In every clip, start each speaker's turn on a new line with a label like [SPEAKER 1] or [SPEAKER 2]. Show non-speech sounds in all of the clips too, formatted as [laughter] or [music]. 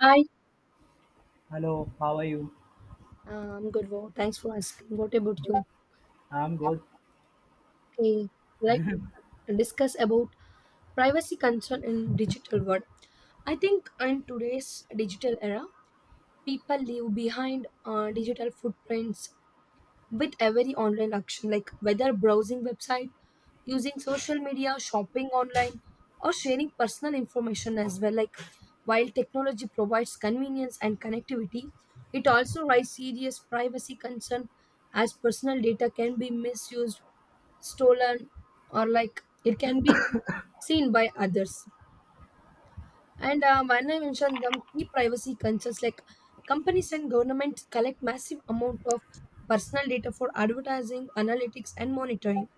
[SPEAKER 1] Hi,
[SPEAKER 2] Hello, how are you?
[SPEAKER 1] I am good. Wow. Thanks for asking. What about you?
[SPEAKER 2] I'm good.
[SPEAKER 1] Okay, like discuss about privacy concern in digital world. I think in today's digital era, people leave behind digital footprints with every online action, like whether browsing website, using social media, shopping online, or sharing personal information as well. Like while technology provides convenience and connectivity, it also raises serious privacy concern as personal data can be misused, stolen, or it can be seen by others. And when I mentioned the key privacy concerns, like companies and governments collect massive amount of personal data for advertising, analytics, and monitoring.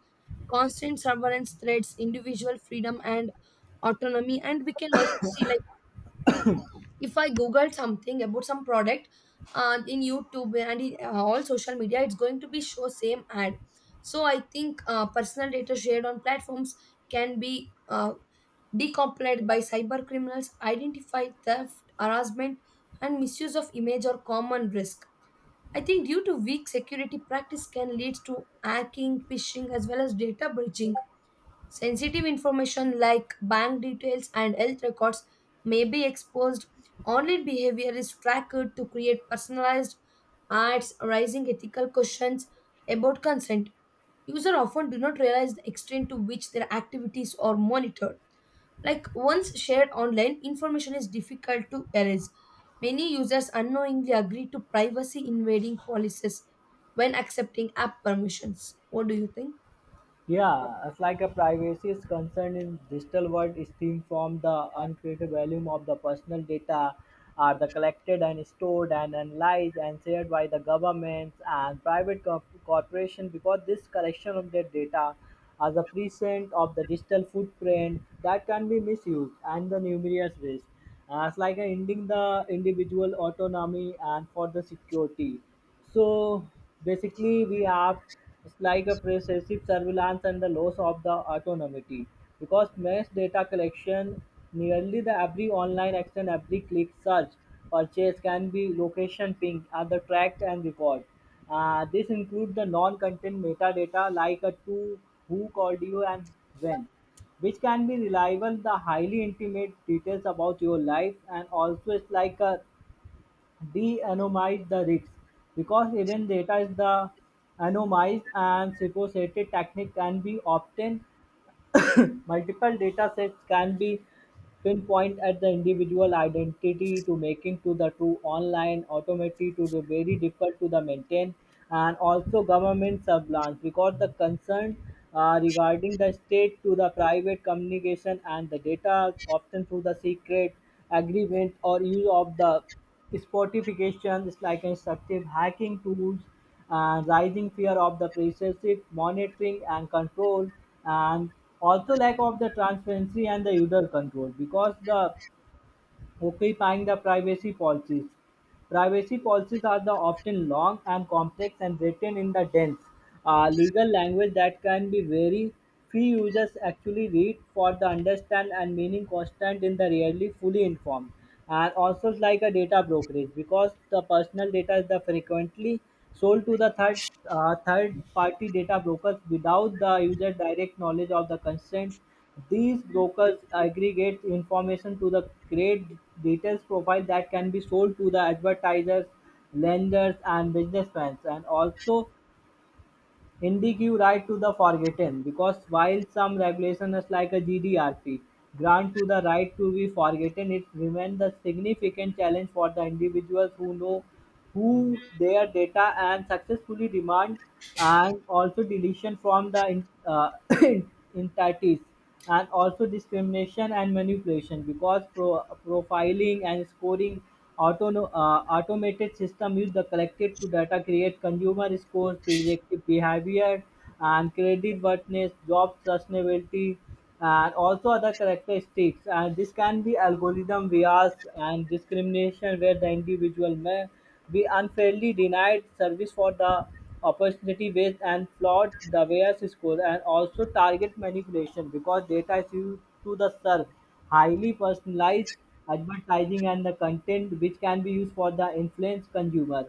[SPEAKER 1] Constant surveillance threats, individual freedom and autonomy, and we can also see like if I Google something about some product in YouTube and in all social media, it's going to be show same ad. So I think personal data shared on platforms can be Decomplied by cyber criminals, identify theft, harassment, and misuse of image are common risk. I think due to weak security practice can lead to hacking, phishing, as well as data breaching. Sensitive information like bank details and health records may be exposed. Online behavior is tracked to create personalized ads, raising ethical questions about consent. Users often do not realize the extent to which their activities are monitored. Like once shared online, information is difficult to erase. Many users unknowingly agree to privacy invading policies when accepting app permissions. What do you think?
[SPEAKER 2] Yeah, it's like a privacy is concerned in digital world is stemmed from the uncreated volume of the personal data are the collected and stored and analyzed and shared by the governments and private corporation because this collection of their data as a present of the digital footprint that can be misused and the numerous ways as like a ending the individual autonomy and for the security. So basically, we have it's like a recessive surveillance and the loss of the autonomy because mass data collection nearly the every online action, every click, search, purchase can be location pinged, and the tracked and recorded. This includes the non-content metadata like a to, who called you, and when which can be reliable the highly intimate details about your life, and also it's like a de anonymize the risks because even data is the anonymized and supposed technique can be obtained, multiple datasets can be pinpoint at the individual identity to making to the true online automaticity to the very difficult to the maintain. And also government surveillance because the concern regarding the state to the private communication and the data often through the secret agreement or use of the Spotification is like instructive hacking tools and rising fear of the precessive monitoring and control, and also lack of the transparency and the user control because the Occupying the privacy policies. Privacy policies are the often long and complex and written in the dense legal language that can be very few users actually read for the understand and meaning constant in the rarely fully informed, and also it's like a data brokerage because the personal data is the frequently sold to the third third party data brokers without the user direct knowledge of the consent. These brokers aggregate information to the create detailed profile that can be sold to the advertisers, lenders, and businessmen, and also indigue right to the forgotten, because while some regulations like a GDRP grant to the right to be forgotten, it remains a significant challenge for the individuals who know who their data and successfully demand and also deletion from the [coughs] entities, and also discrimination and manipulation because profiling and scoring automated system use the collected to data create consumer scores predictive behavior and credit worthiness job sustainability and also other characteristics, and this can be algorithm bias and discrimination where the individual may be unfairly denied service for the opportunity based and flawed the bias score, and also target manipulation because data is used to the serve highly personalized advertising and the content which can be used for the influence consumer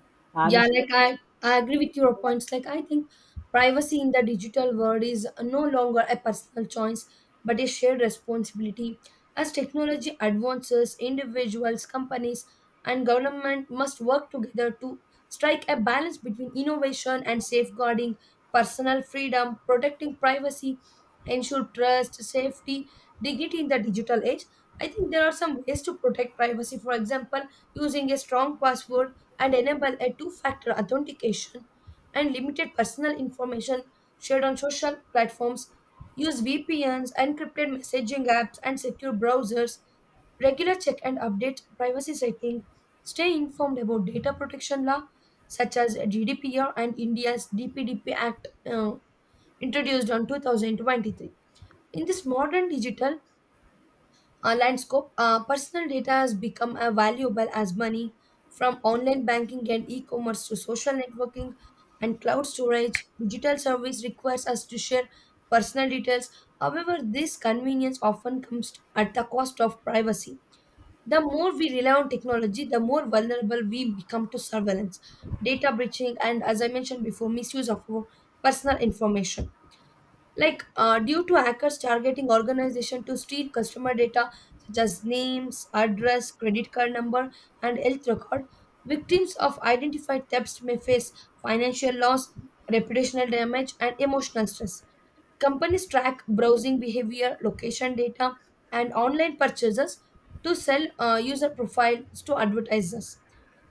[SPEAKER 2] and.
[SPEAKER 1] Yeah, like I agree with your points. Like I think privacy in the digital world is no longer a personal choice, but a shared responsibility. As technology advances, individuals, companies, and government must work together to strike a balance between innovation and safeguarding personal freedom, protecting privacy, ensure trust, safety, dignity in the digital age. I think there are some ways to protect privacy. For example, using a strong password and enable a two factor authentication and limited personal information shared on social platforms. Use VPNs, encrypted messaging apps, and secure browsers. Regular check and update privacy settings. Stay informed about data protection law such as GDPR and India's DPDP Act introduced on 2023. In this modern digital landscape, personal data has become as valuable as money from online banking and e commerce to social networking and cloud storage. Digital service requires us to share personal details. However, this convenience often comes at the cost of privacy. The more we rely on technology, the more vulnerable we become to surveillance, data breaching, and as I mentioned before, misuse of our personal information like due to hackers targeting organization to steal customer data such as names address credit card number and health record victims of identified thefts may face financial loss reputational damage and emotional stress companies track browsing behavior location data and online purchases to sell user profiles to advertisers.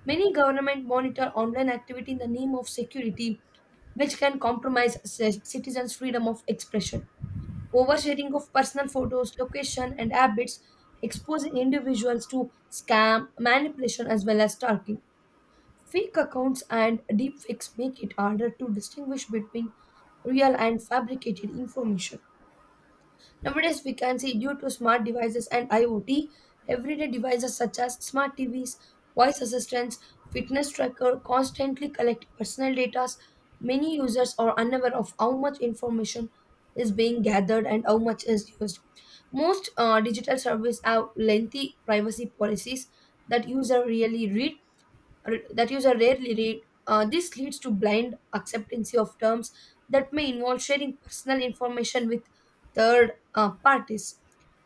[SPEAKER 1] Many governments monitor online activity in the name of security, which can compromise citizens' freedom of expression. Oversharing of personal photos, location, and habits exposes individuals to scam, manipulation, as well as stalking. Fake accounts and deepfakes make it harder to distinguish between real and fabricated information. Nowadays, we can see due to smart devices and IoT, everyday devices such as smart TVs, voice assistants, fitness tracker constantly collect personal data. Many users are unaware of how much information is being gathered and how much is used. Most digital services have lengthy privacy policies that user really read that user rarely read. This leads to blind acceptance of terms that may involve sharing personal information with third parties.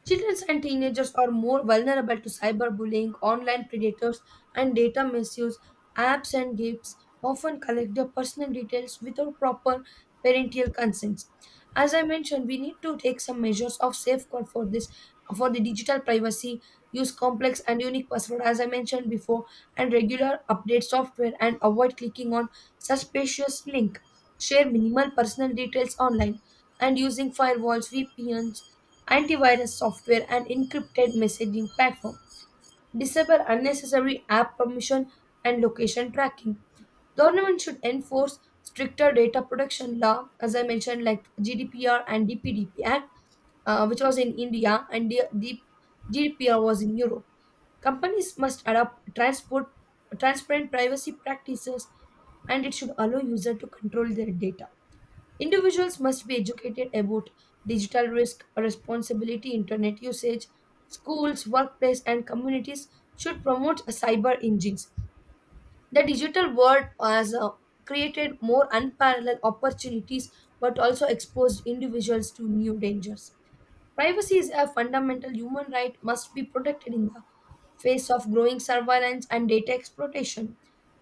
[SPEAKER 1] Children and teenagers are more vulnerable to cyberbullying, online predators, and data misuse. Apps and games often collect their personal details without proper parental consents. As I mentioned, we need to take some measures of safeguard for this, for the digital privacy, use complex and unique password. As I mentioned before, and regular update software and avoid clicking on suspicious link. Share minimal personal details online and using firewalls, VPNs, antivirus software and encrypted messaging platform disable unnecessary app permission and location tracking. Government should enforce stricter data protection law, as I mentioned, like GDPR and DPDP Act, which was in India, and GDPR was in Europe. Companies must adopt transparent privacy practices, and it should allow users to control their data. Individuals must be educated about digital risk, responsibility, internet usage. Schools, workplace, and communities should promote cyber engines. The digital world has created more unparalleled opportunities but also exposed individuals to new dangers. Privacy is a fundamental human right must be protected in the face of growing surveillance and data exploitation.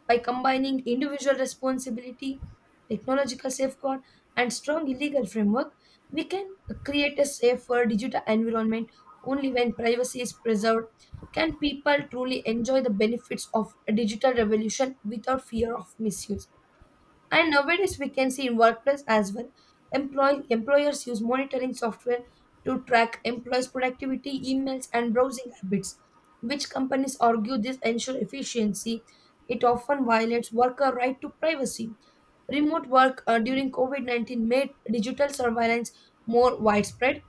[SPEAKER 1] By combining individual responsibility, technological safeguard, and strong legal framework, we can create a safer digital environment only when privacy is preserved. Can people truly enjoy the benefits of a digital revolution without fear of misuse? And nowadays, we can see in workplace as well, employers use monitoring software to track employees' productivity, emails, and browsing habits, which companies argue this ensure efficiency. It often violates worker right to privacy. Remote work during COVID -19 made digital surveillance more widespread.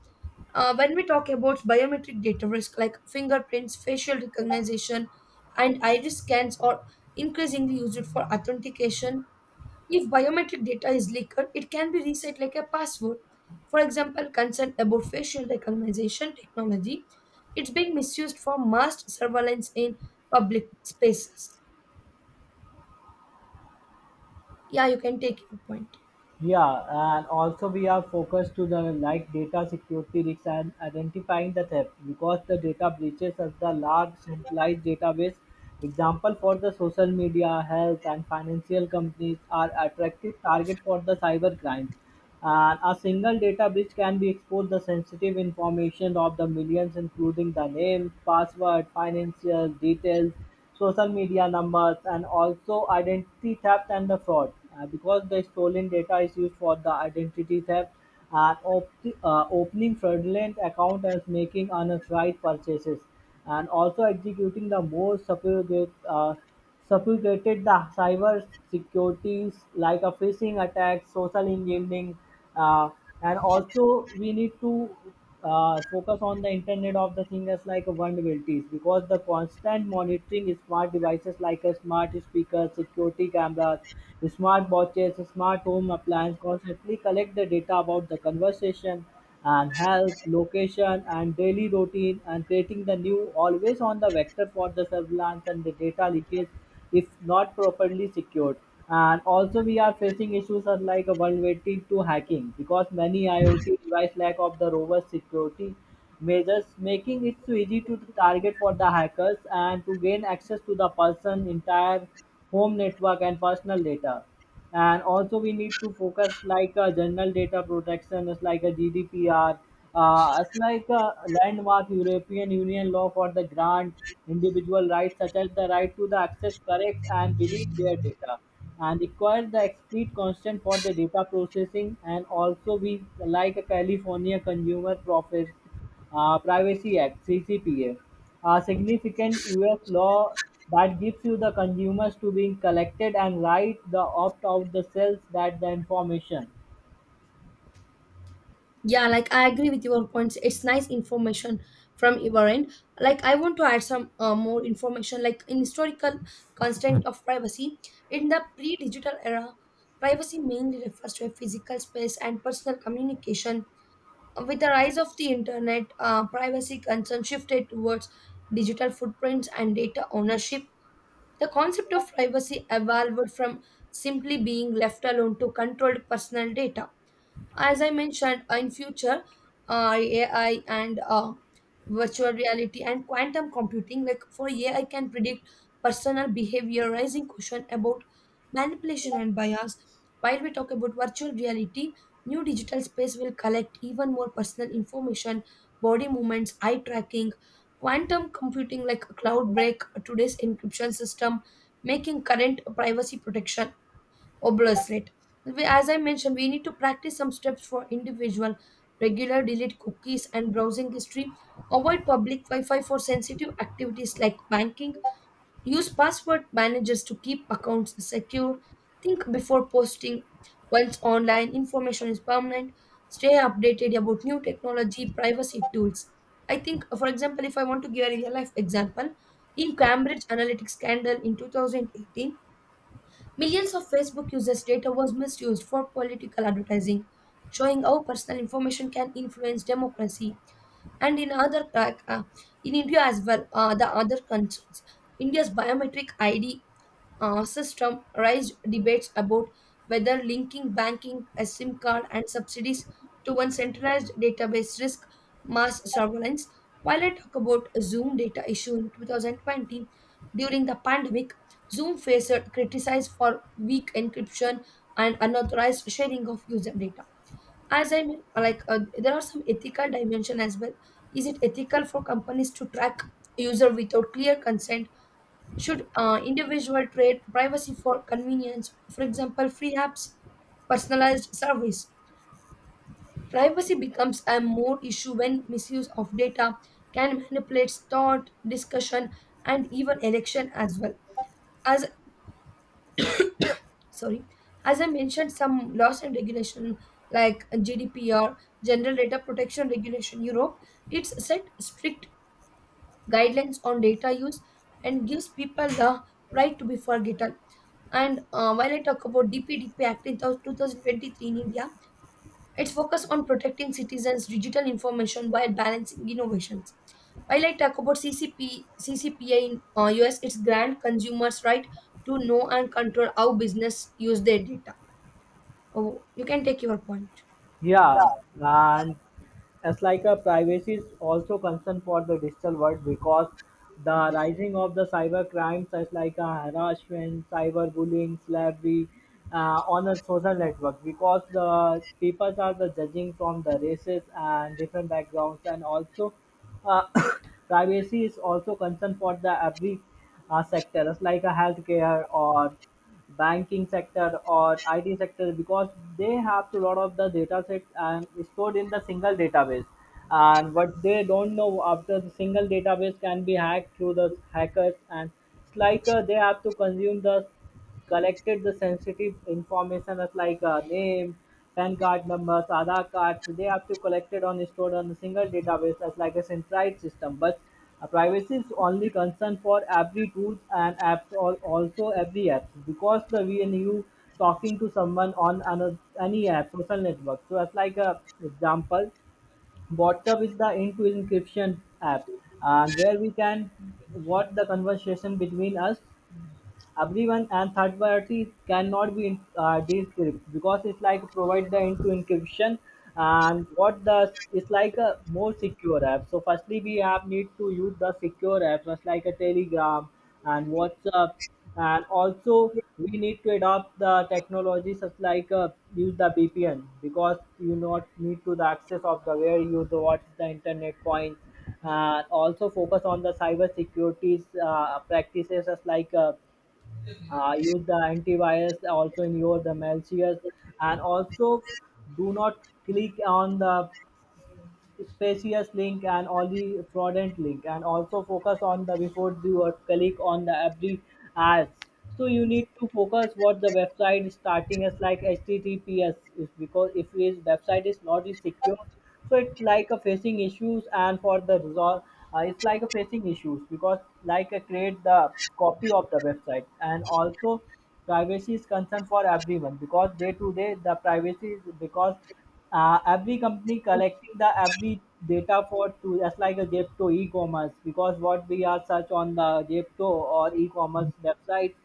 [SPEAKER 1] When we talk about biometric data risk like fingerprints, facial recognition, and iris scans are increasingly used for authentication if biometric data is leaked, it can be reset like a password. For example, concern about facial recognition technology, it's being misused for mass surveillance in public spaces. Yeah, you can take your point.
[SPEAKER 2] Yeah, and also we are focused to the like data security risks and identifying the theft because the data breaches are the large centralized database. Example for the social media, health and financial companies are attractive target for the cyber crimes. And a single data breach can be exposed the sensitive information of the millions, including the name, password, financial details, social media numbers, and also identity theft and the fraud. Because the stolen data is used for the identity theft and opening fraudulent account and making unauthorized purchases, and also executing the most sophisticated. Suffocated the cyber securities like a phishing attack, social engineering, uh, and also we need to focus on the internet of the things as like vulnerabilities because the constant monitoring is smart devices like a smart speaker, security cameras, smart watches, smart home appliance constantly collect the data about the conversation and health, location, and daily routine, and creating the new always on the vector for the surveillance and the data leakage if not properly secured. And also, we are facing issues are like a one waiting to hacking because many IoT device lack of the robust security measures, making it so easy to target for the hackers and to gain access to the person entire home network and personal data, and also we need to focus like a general data protection is like a gdpr as like a landmark european union law for the grant individual rights such as the right to the access correct and delete their data and requires the explicit consent for the data processing, and also we like a california consumer profit Privacy Act (CCPA), a significant U.S. law that gives you the consumers to being collected and right the opt out the cells that the information.
[SPEAKER 1] Yeah, like I agree with your points. It's nice information from your end. Like I want to add some more information. Like in historical constraint of privacy, in the pre-digital era, privacy mainly refers to a physical space and personal communication. With the rise of the internet, privacy concerns shifted towards digital footprints and data ownership. The concept of privacy evolved from simply being left alone to controlled personal data as I mentioned in future ai and virtual reality and quantum computing like for ai can predict personal behavior raising question about manipulation and bias while we talk about virtual reality new digital space will collect even more personal information body movements eye tracking quantum computing like cloud break today's encryption system making current privacy protection or bracelet. As I mentioned, we need to practice some steps for individual, regular delete cookies and browsing history, avoid public Wi Fi for sensitive activities like banking, use password managers to keep accounts secure, think before posting once online, information is permanent, stay updated about new technology, privacy tools. I think, for example, if I want to give a real life example, in Cambridge Analytics scandal in 2018, millions of Facebook users' data was misused for political advertising, showing how personal information can influence democracy. And in other, in India as well, the other concerns, India's biometric ID system raised debates about whether linking banking, a SIM card, and subsidies to one centralized database risk mass surveillance. While I talk about Zoom data issue in 2020 during the pandemic, Zoom faced criticized for weak encryption and unauthorized sharing of user data. As I mean, like there are some ethical dimension as well. Is it ethical for companies to track user without clear consent? Should individual trade privacy for convenience, for example, free apps, personalized service? Privacy becomes a more issue when misuse of data can manipulate thought, discussion, and even election as well. As sorry, as I mentioned, some laws and regulation like GDPR, General Data Protection Regulation Europe, it's set strict guidelines on data use and gives people the right to be forgotten. And while I talk about DPDP Act in 2023 in India, it's focus on protecting citizens' digital information while balancing innovations. While I talk about CCPA in US, it's grant consumers' right to know and control how business use their data. Oh, you can take your point.
[SPEAKER 2] Yeah, and as like a privacy is also concern for the digital world because the rising of the cyber crimes such like a harassment, cyberbullying, slavery on a social network because the people are the judging from the races and different backgrounds, and also uh, [coughs] privacy is also concern for the every sector as like a healthcare or banking sector or IT sector because they have a lot of the data sets and stored in the single database. And what they don't know after the single database can be hacked through the hackers, and it's like they have to consume the collected the sensitive information as like name, PAN card numbers, Aadhaar cards. They have to collected on stored on a single database as like a centralized system. But privacy is only concern for every tools and apps or also every apps because the when you talking to someone on another, any app social network. So as like a example, WhatsApp is the into encryption app and where we can what the conversation between us everyone and third party cannot be decrypted because it's like provide the into encryption and what the it's like a more secure app. So firstly we have need to use the secure apps just like a telegram and whatsapp, and also we need to adopt the technology such like use the VPN because you not need to the access of the where you the what's the internet point, and also focus on the cyber securities practices as like use the antivirus also in your the malicious, and also do not click on the spacious link and all the fraudulent link, and also focus on the before you are click on the every ads. So you need to focus what the website is starting as like https is because if his website is not is secure, so it's like a facing issues, and for the resolve it's like a facing issues because like a create the copy of the website, and also privacy is concern for everyone because day to day the privacy is because every company collecting the every data for to just like a Zepto e-commerce because what we are search on the Zepto or e-commerce website,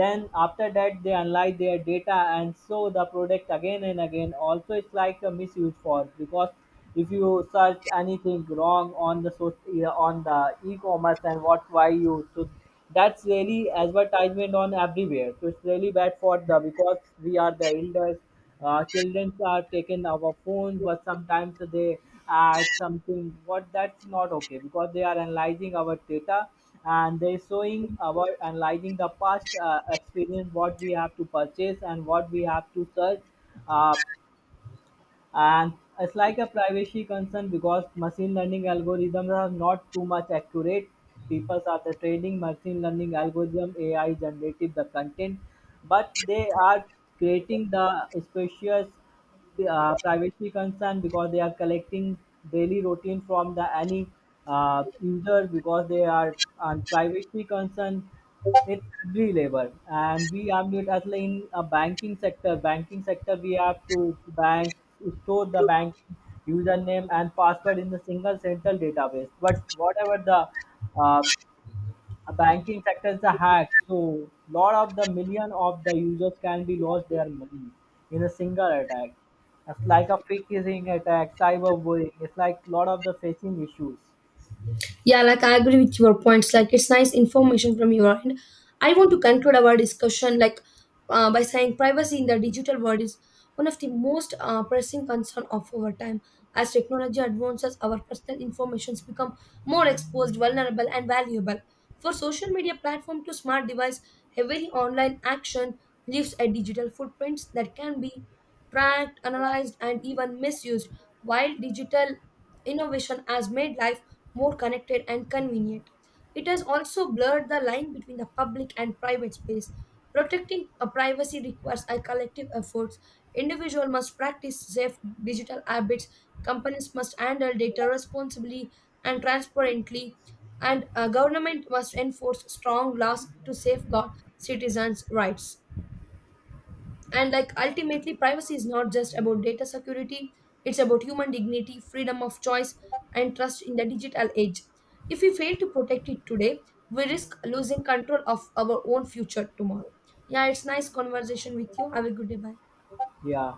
[SPEAKER 2] then after that they analyze their data and show the product again and again. Also, it's like a misuse for because if you search anything wrong on the so yeah, on the e-commerce and what why you so that's really advertisement on everywhere. So it's really bad for the because we are the elders. Children are taking our phones, but sometimes they add something. What that's not okay because they are analyzing our data and they're showing our analyzing the past experience what we have to purchase and what we have to search, uh, and it's like a privacy concern because machine learning algorithms are not too much accurate. People are the training machine learning algorithm ai generative the content, but they are creating the spacious privacy concern because they are collecting daily routine from the any user because they are on privacy concern it's agri labor, and we have to it as like in a banking sector. Banking sector, we have to bank store the bank username and password in the single central database. But whatever the uh, banking sector is a hack, so lot of the million of the users can be lost their money in a single attack. It's like a phishing attack, cyberbullying. It's like lot of the phishing issues.
[SPEAKER 1] Yeah, like I agree with your points. Like it's nice information from your end. I want to conclude our discussion like by saying privacy in the digital world is one of the most pressing concern of our time. As technology advances, our personal informations become more exposed, vulnerable, and valuable. For social media platform to smart device, every online action leaves a digital footprint that can be tracked, analyzed, and even misused. While digital innovation has made life more connected and convenient. It has also blurred the line between the public and private space. Protecting a privacy requires a collective effort. Individuals must practice safe digital habits. Companies must handle data responsibly and transparently, and a government must enforce strong laws to safeguard citizens' rights and like ultimately privacy is not just about data security, it's about human dignity, freedom of choice, and trust in the digital age. If we fail to protect it today, we risk losing control of our own future tomorrow. Yeah, it's nice conversation with you. Have a good day. Bye.
[SPEAKER 2] Yeah.